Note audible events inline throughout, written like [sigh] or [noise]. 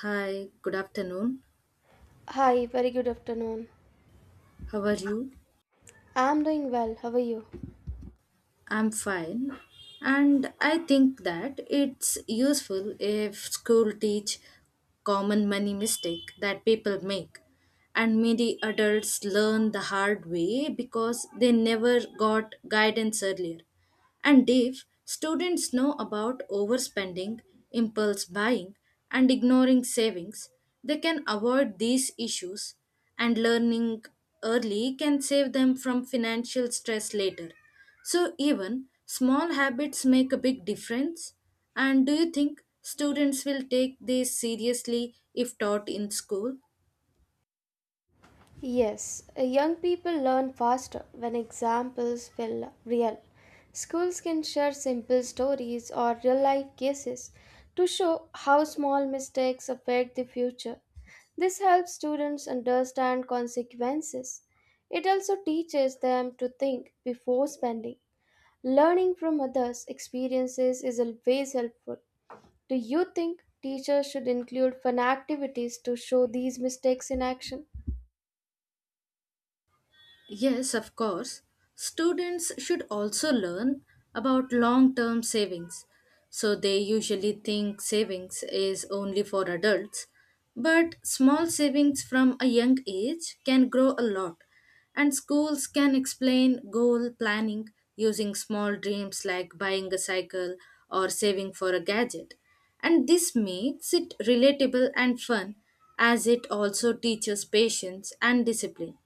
Hi, good afternoon. Hi, very good afternoon. How are you? I'm doing well. How are you? I'm fine. And I think that it's useful if school teach common money mistake that people make. And many adults learn the hard way because they never got guidance earlier. And Dave, students know about overspending, impulse buying, and ignoring savings. They can avoid these issues, and learning early can save them from financial stress later. So, even small habits make a big difference. And do you think students will take this seriously if taught in school? Yes, young people learn faster when examples feel real. Schools can share simple stories or real life cases to show how small mistakes affect the future. This helps students understand consequences. It also teaches them to think before spending. Learning from others' experiences is always helpful. Do you think teachers should include fun activities to show these mistakes in action? Yes, of course. Students should also learn about long term savings. So they usually think savings is only for adults. But small savings from a young age can grow a lot. And schools can explain goal planning using small dreams like buying a cycle or saving for a gadget. And this makes it relatable and fun as it also teaches patience and discipline.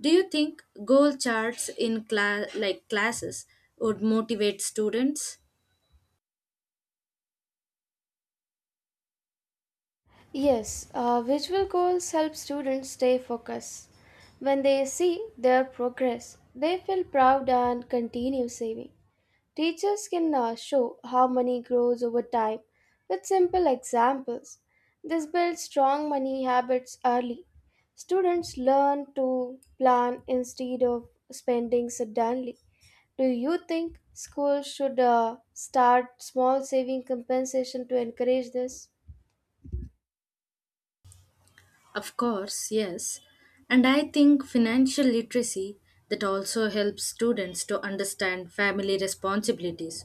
Do you think goal charts in class like classes would motivate students? Yes, visual goals help students stay focused. When they see their progress, they feel proud and continue saving. Teachers can show how money grows over time with simple examples. This builds strong money habits early. Students learn to plan instead of spending suddenly. Do you think schools should start small saving compensation to encourage this? Of course, yes. And I think financial literacy that also helps students to understand family responsibilities.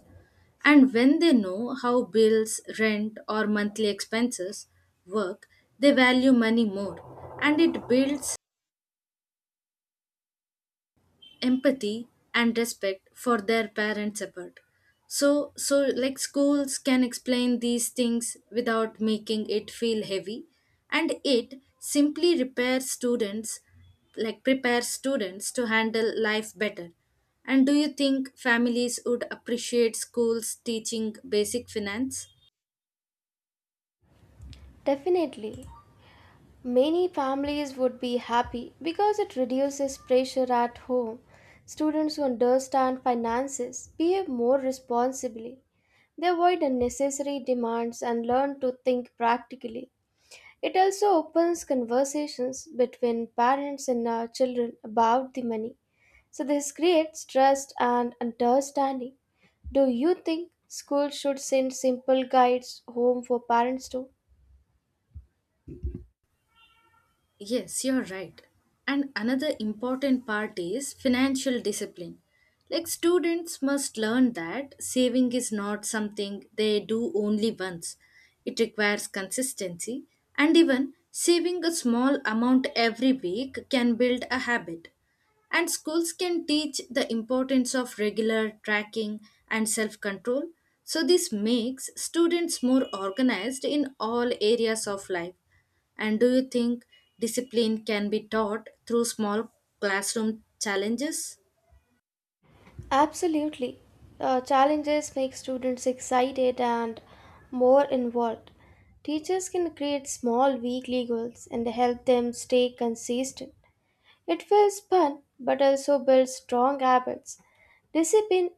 And when they know how bills, rent, or monthly expenses work, they value money more and it builds empathy and respect for their parents' effort. So, like schools can explain these things without making it feel heavy, and it simply repairs students, like prepares students to handle life better. And do you think families would appreciate schools teaching basic finance? Definitely. Many families would be happy because it reduces pressure at home. Students who understand finances behave more responsibly. They avoid unnecessary demands and learn to think practically. It also opens conversations between parents and children about the money. So, this creates trust and understanding. Do you think schools should send simple guides home for parents too? Yes, you're right. And another important part is financial discipline. Like students must learn that saving is not something they do only once. It requires consistency, and even saving a small amount every week can build a habit. And schools can teach the importance of regular tracking and self control. So, this makes students more organized in all areas of life, and do you think discipline can be taught through small classroom challenges? Absolutely. Challenges make students excited and more involved. Teachers can create small weekly goals and help them stay consistent. It feels fun but also builds strong habits. Discipline,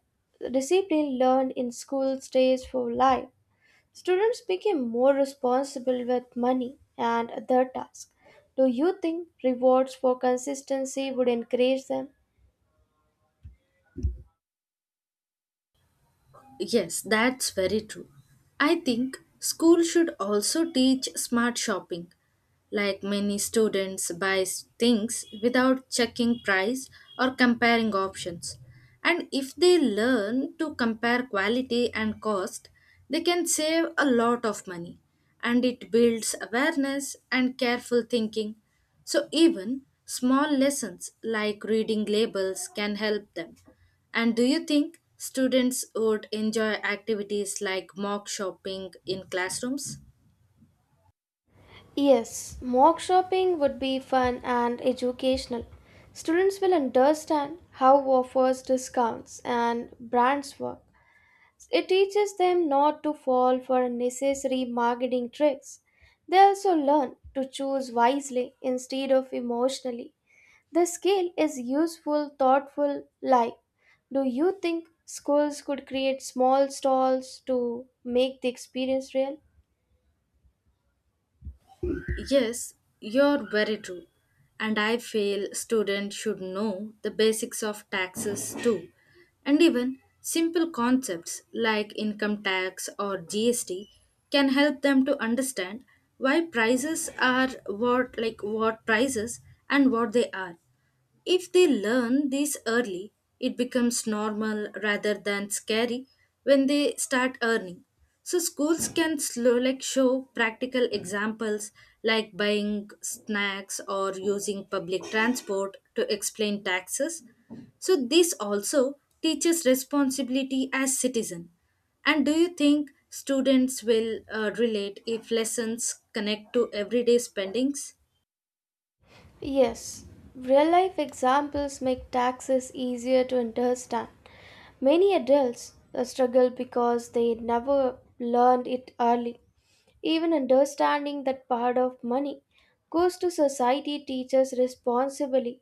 discipline learned in school stays for life. Students became more responsible with money and other tasks. Do you think rewards for consistency would encourage them? Yes, that's very true. I think school should also teach smart shopping. Like many students buy things without checking price or comparing options. And if they learn to compare quality and cost, they can save a lot of money. And it builds awareness and careful thinking. So even small lessons like reading labels can help them. And do you think students would enjoy activities like mock shopping in classrooms? Yes, mock shopping would be fun and educational. Students will understand how offers, discounts, and brands work. It teaches them not to fall for unnecessary marketing tricks. They also learn to choose wisely instead of emotionally. The skill is useful, thoughtful, life. Do you think schools could create small stalls to make the experience real? Yes, you're very true. And I feel students should know the basics of taxes too. And even simple concepts like income tax or GST can help them to understand why prices are what like what prices and what they are. If they learn this early, it becomes normal rather than scary when they start earning. So schools can slow like show practical examples like buying snacks or using public transport to explain taxes. So this also teaches responsibility as citizen. And do you think students will relate if lessons connect to everyday spendings? Yes, real life examples make taxes easier to understand. Many adults struggle because they never learned it early. Even understanding that part of money goes to society teaches responsibly.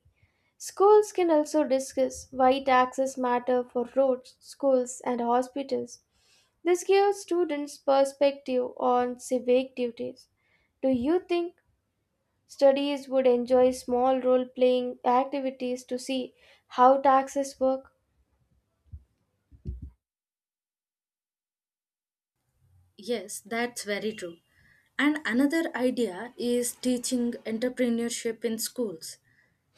Schools can also discuss why taxes matter for roads, schools, and hospitals. This gives students perspective on civic duties. Do you think studies would enjoy small role playing activities to see how taxes work? Yes, that's very true. And another idea is teaching entrepreneurship in schools,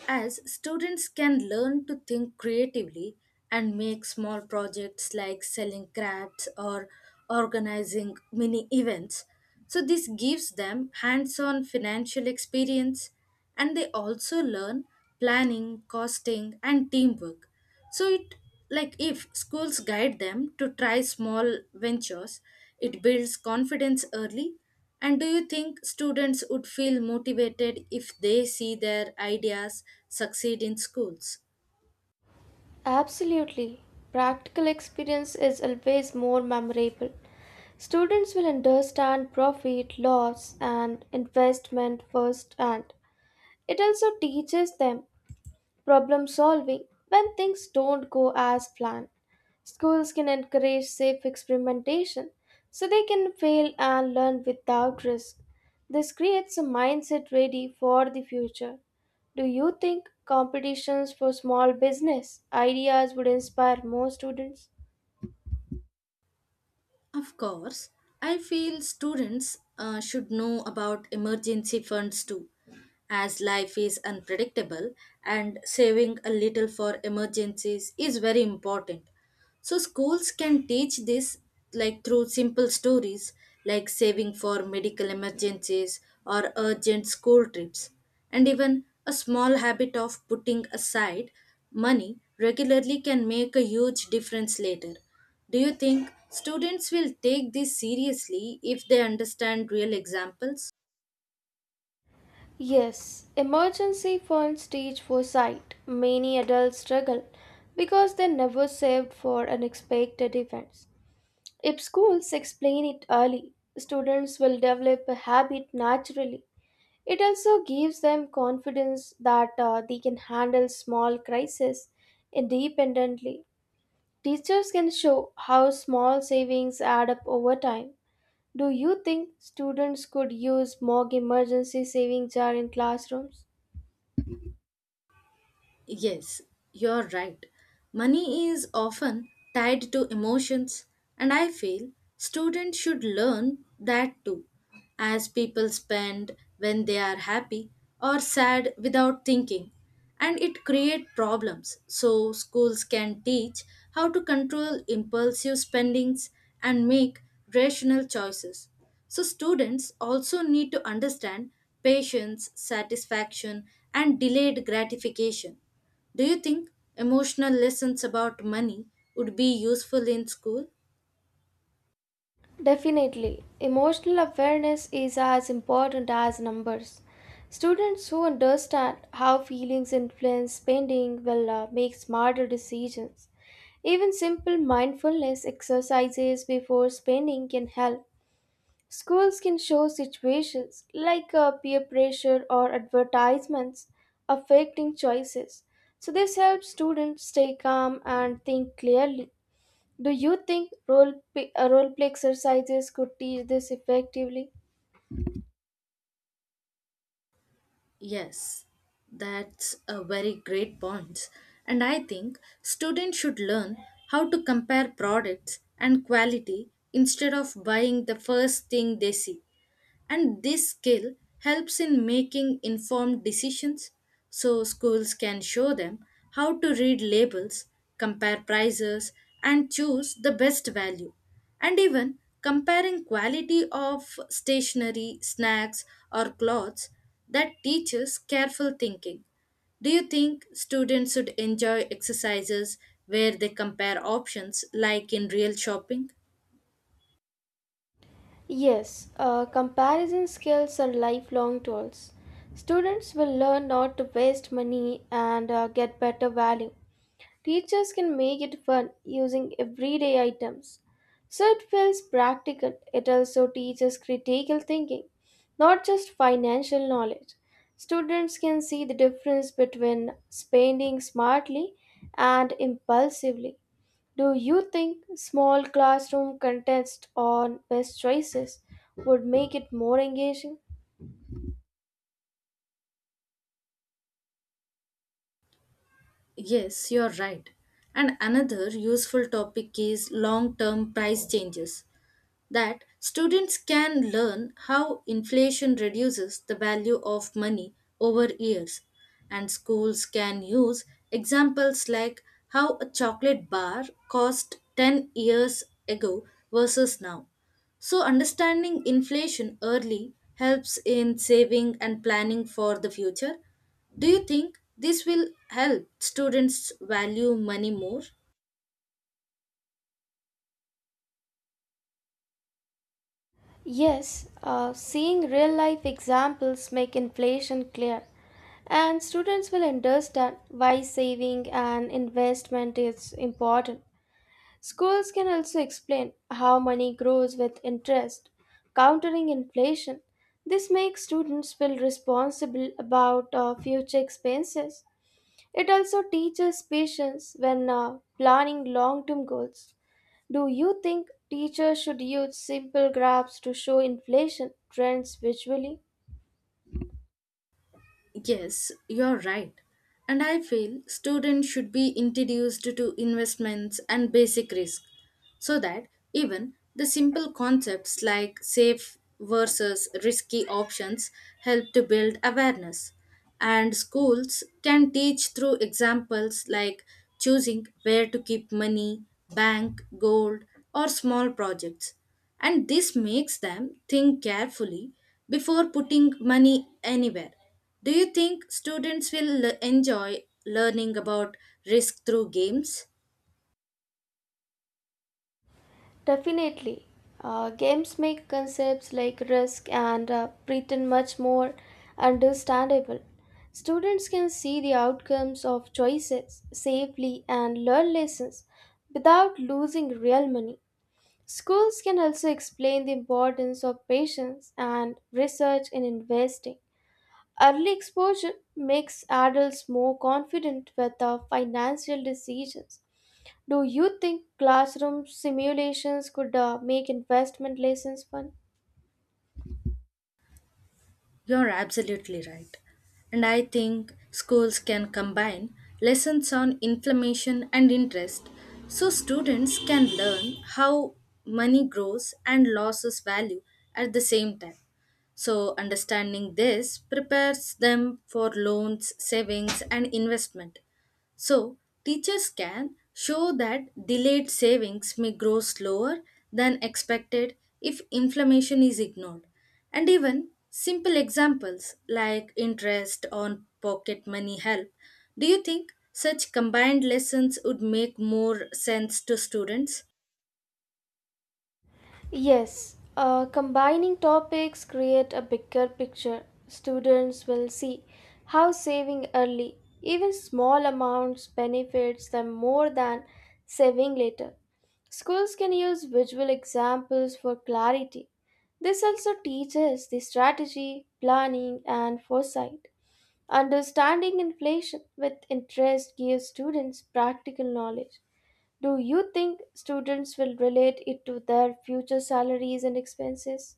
as students can learn to think creatively and make small projects like selling crafts or organizing mini events. So, this gives them hands on financial experience and they also learn planning, costing, and teamwork. So it, like, if schools guide them to try small ventures, it builds confidence early. And do you think students would feel motivated if they see their ideas succeed in schools? Absolutely. Practical experience is always more memorable. Students will understand profit, loss, and investment firsthand. It also teaches them problem solving when things don't go as planned. Schools can encourage safe experimentation so they can fail and learn without risk. This creates a mindset ready for the future. Do you think competitions for small business ideas would inspire more students? Of course, I feel students should know about emergency funds too, as life is unpredictable and saving a little for emergencies is very important. So schools can teach this like through simple stories like saving for medical emergencies or urgent school trips, and even a small habit of putting aside money regularly can make a huge difference later. Do you think students will take this seriously if they understand real examples? Yes, emergency funds teach foresight. Many adults struggle because they never saved for unexpected events. If schools explain it early, students will develop a habit naturally. It also gives them confidence that they can handle small crises independently. Teachers can show how small savings add up over time. Do you think students could use more emergency saving jar in classrooms? Yes, you're right. Money is often tied to emotions, and I feel students should learn that too. As people spend when they are happy or sad without thinking, and it creates problems. So, schools can teach how to control impulsive spendings and make rational choices. So, students also need to understand patience, satisfaction, and delayed gratification. Do you think emotional lessons about money would be useful in school? Definitely. Emotional awareness is as important as numbers. Students who understand how feelings influence spending will make smarter decisions. Even simple mindfulness exercises before spending can help. Schools can show situations like peer pressure or advertisements affecting choices. So, this helps students stay calm and think clearly. Do you think role play exercises could teach this effectively? Yes, that's a very great point. And I think students should learn how to compare products and quality instead of buying the first thing they see. And this skill helps in making informed decisions. So schools can show them how to read labels, compare prices, and choose the best value, and even comparing quality of stationery snacks or clothes that teaches careful thinking. Do you think students should enjoy exercises where they compare options like in real shopping? Yes, comparison skills are lifelong tools. Students will learn not to waste money and get better value. Teachers can make it fun using everyday items. So it feels practical. It also teaches critical thinking, not just financial knowledge. Students can see the difference between spending smartly and impulsively. Do you think small classroom contests on best choices would make it more engaging? Yes, you're right. And another useful topic is long term price changes, that students can learn how inflation reduces the value of money over years. And schools can use examples like how a chocolate bar cost 10 years ago versus now. So, understanding inflation early helps in saving and planning for the future. Do you think this will help students value money more? Yes, seeing real life examples make inflation clear, and students will understand why saving and investment is important. Schools can also explain how money grows with interest, countering inflation. This makes students feel responsible about future expenses. It also teaches patience when planning long term goals. Do you think teachers should use simple graphs to show inflation trends visually? Yes, you're right. And I feel students should be introduced to investments and basic risk, so that even the simple concepts like safe versus risky options help to build awareness. And schools can teach through examples like choosing where to keep money, bank, gold, or small projects. And this makes them think carefully before putting money anywhere. Do you think students will enjoy learning about risk through games? Definitely. Games make concepts like risk and pretend much more understandable. Students can see the outcomes of choices safely and learn lessons without losing real money. Schools can also explain the importance of patience and research in investing. Early exposure makes adults more confident with their financial decisions. Do you think classroom simulations could make investment lessons fun? You're absolutely right. And I think schools can combine lessons on inflammation and interest so students can learn how money grows and loses value at the same time. So, understanding this prepares them for loans, savings, and investment. So, teachers can show that delayed savings may grow slower than expected if inflammation is ignored. And even simple examples like interest on pocket money help. Do you think such combined lessons would make more sense to students? Yes, combining topics create a bigger picture. Students will see how saving early, even small amounts, benefits them more than saving later. Schools can use visual examples for clarity. This also teaches the strategy, planning, and foresight. Understanding inflation with interest gives students practical knowledge. Do you think students will relate it to their future salaries and expenses?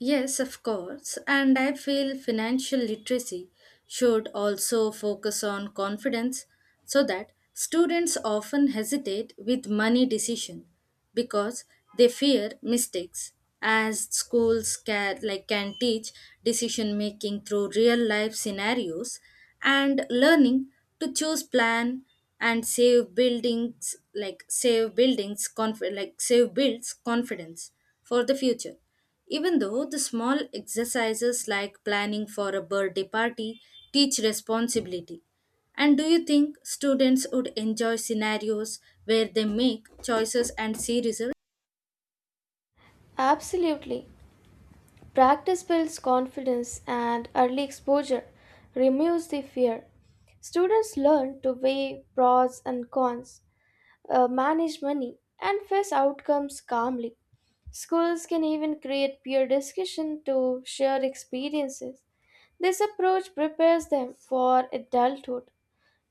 Yes, of course, and I feel financial literacy should also focus on confidence, so that students often hesitate with money decision because they fear mistakes, as schools can, like, can teach decision making through real life scenarios, and learning to choose plan and save buildings, like save buildings like save builds confidence for the future, even though the small exercises like planning for a birthday party teach responsibility. And do you think students would enjoy scenarios where they make choices and series? Absolutely. Practice builds confidence, and early exposure removes the fear. Students learn to weigh pros and cons, manage money, and face outcomes calmly. Schools can even create peer discussion to share experiences. This approach prepares them for adulthood.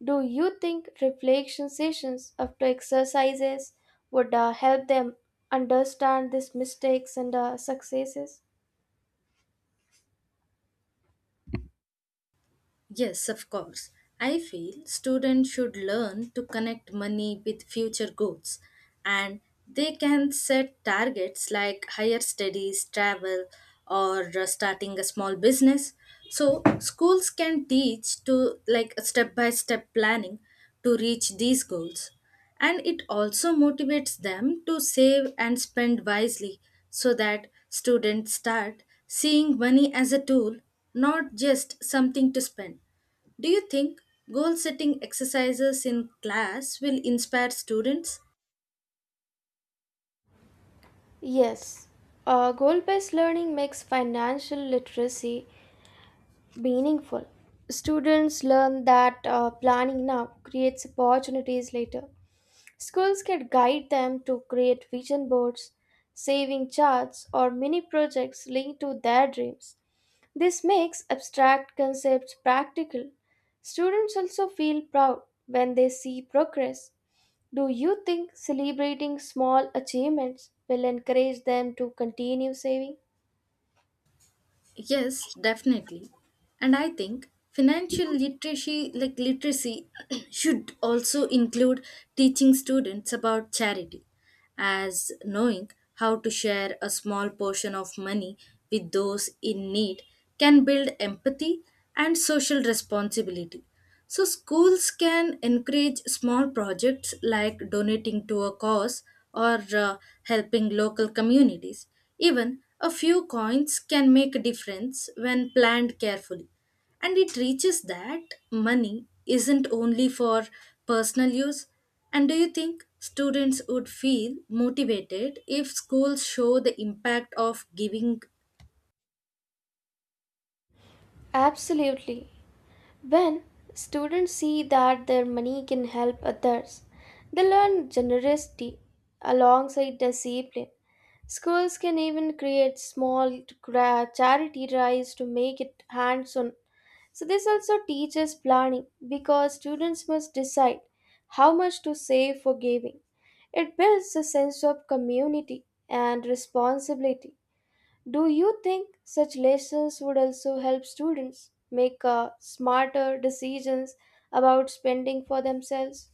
Do you think reflection sessions after exercises would help them understand these mistakes and successes? Yes, of course. I feel students should learn to connect money with future goals, and they can set targets like higher studies, travel, or starting a small business. So, schools can teach to like step by step planning to reach these goals, and it also motivates them to save and spend wisely so that students start seeing money as a tool, not just something to spend. Do you think goal setting exercises in class will inspire students? Yes. Goal based learning makes financial literacy meaningful. Students learn that planning now creates opportunities later. Schools can guide them to create vision boards, saving charts, or mini projects linked to their dreams. This makes abstract concepts practical. Students also feel proud when they see progress. Do you think celebrating small achievements will encourage them to continue saving? Yes, definitely. And I think financial literacy [clears throat] should also include teaching students about charity, as knowing how to share a small portion of money with those in need can build empathy and social responsibility. So, schools can encourage small projects like donating to a cause or helping local communities. Even a few coins can make a difference when planned carefully. And it reaches that money isn't only for personal use. And do you think students would feel motivated if schools show the impact of giving? Absolutely. When students see that their money can help others, they learn generosity alongside discipline. Schools can even create small charity drives to make it hands on. So, this also teaches planning because students must decide how much to save for giving. It builds a sense of community and responsibility. Do you think such lessons would also help students make smarter decisions about spending for themselves?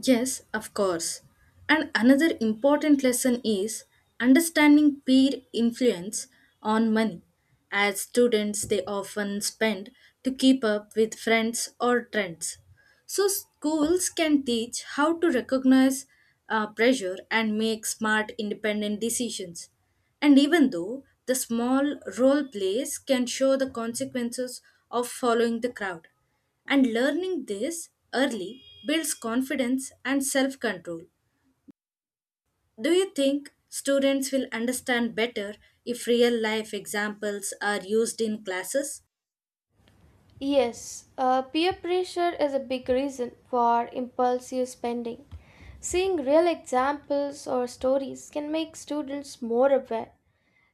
Yes, of course. And another important lesson is understanding peer influence on money. As students, they often spend to keep up with friends or trends. So, schools can teach how to recognize pressure and make smart, independent decisions. And even though the small role plays can show the consequences of following the crowd. And learning this early builds confidence and self control. Do you think students will understand better if real life examples are used in classes? Yes, peer pressure is a big reason for impulsive spending. Seeing real examples or stories can make students more aware.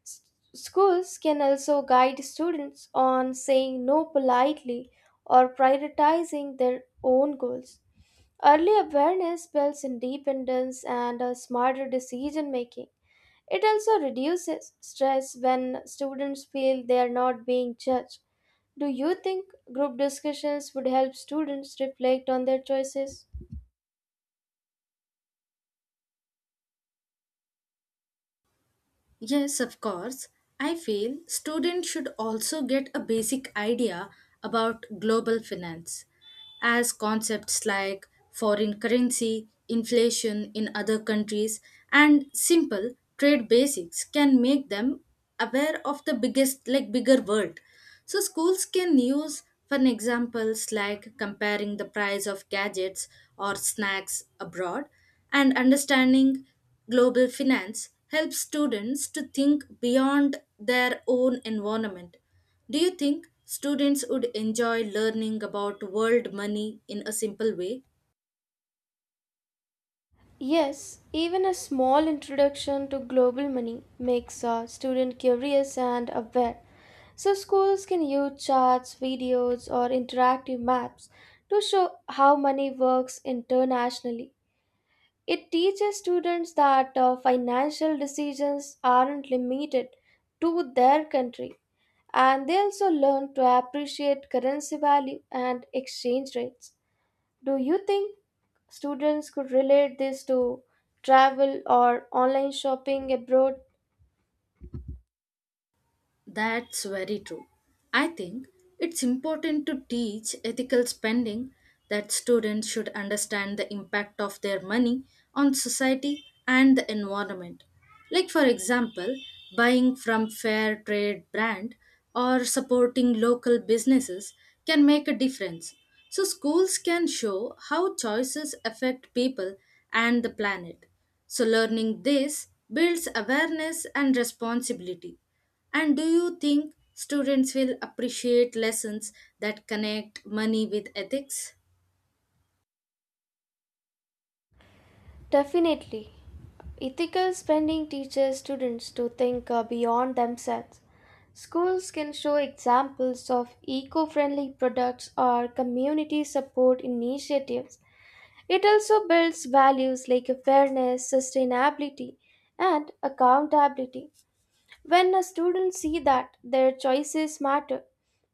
S- Schools can also guide students on saying no politely or prioritizing their own goals. Early awareness builds independence and a smarter decision making. It also reduces stress when students feel they are not being judged. Do you think group discussions would help students reflect on their choices? Yes, of course. I feel students should also get a basic idea about global finance, as concepts like foreign currency, inflation in other countries, and simple trade basics can make them aware of the biggest, like bigger world. So schools can use fun examples like comparing the price of gadgets or snacks abroad, and understanding global finance helps students to think beyond their own environment. Do you think students would enjoy learning about world money in a simple way? Yes, even a small introduction to global money makes a student curious and aware. So, schools can use charts, videos, or interactive maps to show how money works internationally. It teaches students that financial decisions aren't limited to their country, and they also learn to appreciate currency value and exchange rates. Do you think students could relate this to travel or online shopping abroad? That's very true. I think it's important to teach ethical spending, that students should understand the impact of their money on society and the environment. Like, for example, buying from fair trade brand or supporting local businesses can make a difference. So, schools can show how choices affect people and the planet. So, learning this builds awareness and responsibility. And do you think students will appreciate lessons that connect money with ethics? Definitely. Ethical spending teaches students to think beyond themselves. Schools can show examples of eco friendly products or community support initiatives. It also builds values like fairness, sustainability, and accountability. When a students see that their choices matter,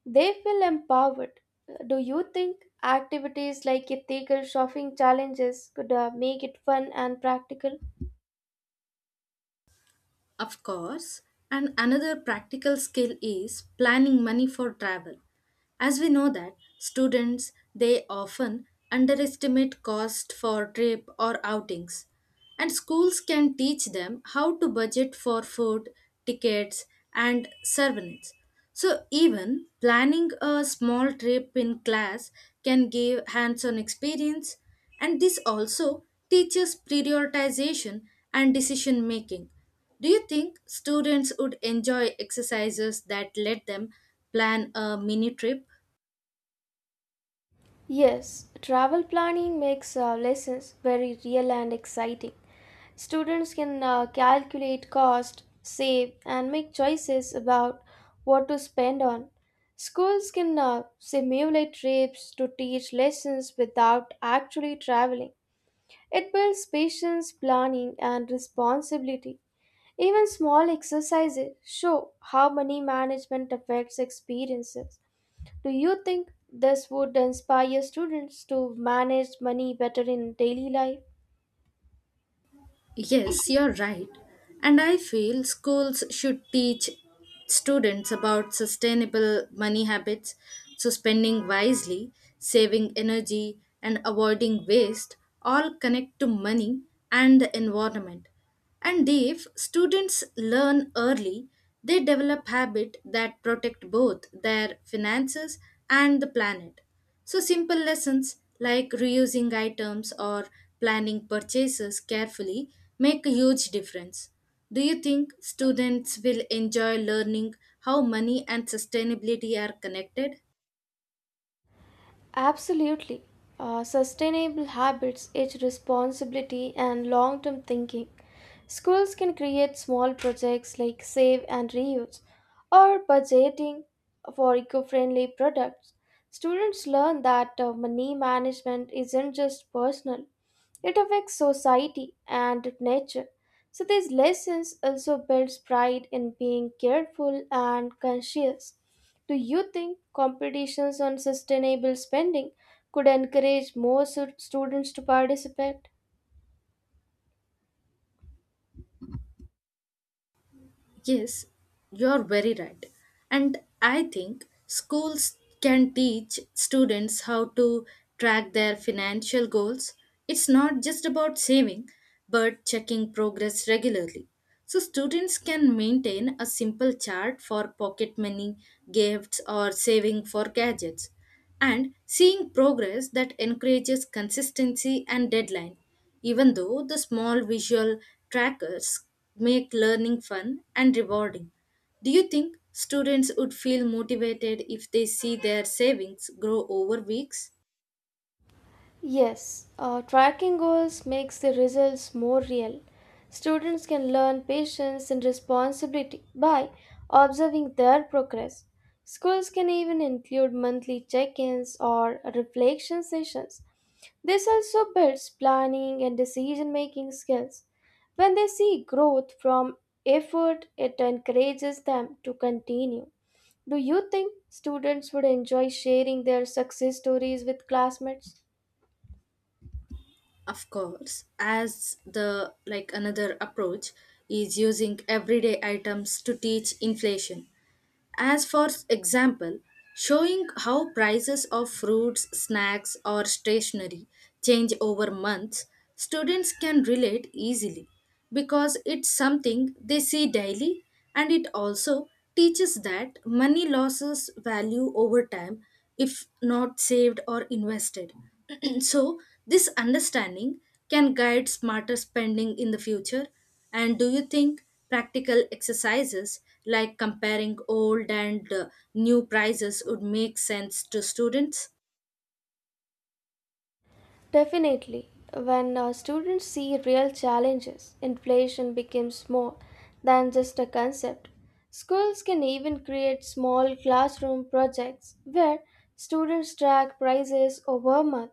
they feel empowered. Do you think activities like ethical shopping challenges could make it fun and practical? Of course. And another practical skill is planning money for travel. As we know that students they often underestimate cost for trip or outings. And schools can teach them how to budget for food, tickets, and surveillance. So, even planning a small trip in class can give hands on experience, and this also teaches prioritization and decision making. Do you think students would enjoy exercises that let them plan a mini trip? Yes, travel planning makes lessons very real and exciting. Students can calculate cost, save, and make choices about what to spend on. Schools can simulate trips to teach lessons without actually traveling. It builds patience, planning, and responsibility. Even small exercises show how money management affects experiences. Do you think this would inspire students to manage money better in daily life? Yes, you're right. And I feel schools should teach students about sustainable money habits, so spending wisely, saving energy, and avoiding waste all connect to money and the environment. And if students learn early, they develop habits that protect both their finances and the planet. So simple lessons like reusing items or planning purchases carefully make a huge difference. Do you think students will enjoy learning how money and sustainability are connected? Absolutely. Sustainable habits, its responsibility, and long term thinking. Schools can create small projects like save and reuse or budgeting for eco friendly products. Students learn that money management isn't just personal, it affects society and nature. So, these lessons also builds pride in being careful and conscious. Do you think competitions on sustainable spending could encourage more students to participate? Yes, you're very right. And I think schools can teach students how to track their financial goals. It's not just about saving, but checking progress regularly. So, students can maintain a simple chart for pocket money, gifts, or saving for gadgets, and seeing progress that encourages consistency and deadline, even though the small visual trackers make learning fun and rewarding. Do you think students would feel motivated if they see their savings grow over weeks? Yes, tracking goals makes the results more real. Students can learn patience and responsibility by observing their progress. Schools can even include monthly check ins or reflection sessions. This also builds planning and decision making skills. When they see growth from effort, it encourages them to continue. Do you think students would enjoy sharing their success stories with classmates? Of course, as the like another approach is using everyday items to teach inflation. As for example, showing how prices of fruits, snacks, or stationery change over months, students can relate easily because it's something they see daily, and it also teaches that money loses value over time if not saved or invested. [clears throat] So, this understanding can guide smarter spending in the future. And do you think practical exercises like comparing old and new prices would make sense to students? Definitely, when students see real challenges, inflation becomes more than just a concept. Schools can even create small classroom projects where students track prices over a month.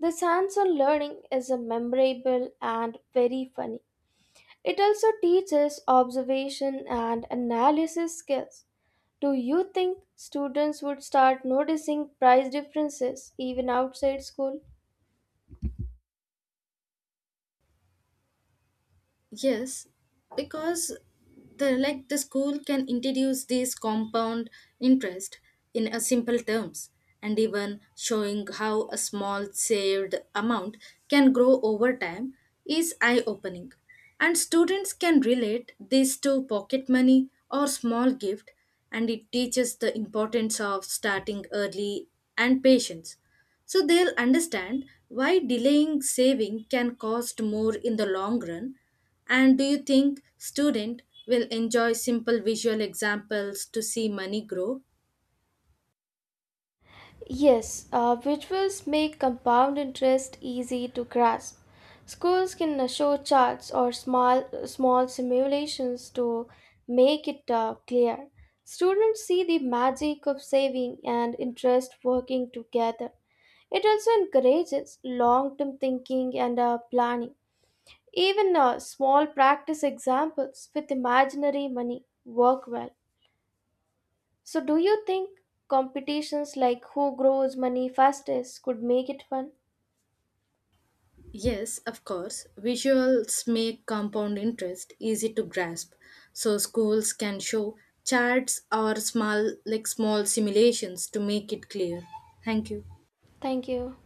This hands on learning is a memorable and very funny. It also teaches observation and analysis skills. Do you think students would start noticing price differences even outside school? Yes, because the like the school can introduce this compound interest in a simple terms, and even showing how a small saved amount can grow over time is eye opening, and students can relate this to pocket money or small gift, and it teaches the importance of starting early and patience, so they'll understand why delaying saving can cost more in the long run. And do you think student will enjoy simple visual examples to see money grow? Yes, visuals make compound interest easy to grasp. Schools can show charts or small simulations to make it clear. Students see the magic of saving and interest working together. It also encourages long term thinking and planning. Even small practice examples with imaginary money work well. So, do you think competitions like who grows money fastest could make it fun? Yes, of course. Visuals make compound interest easy to grasp. So schools can show charts or small simulations to make it clear. Thank you. Thank you.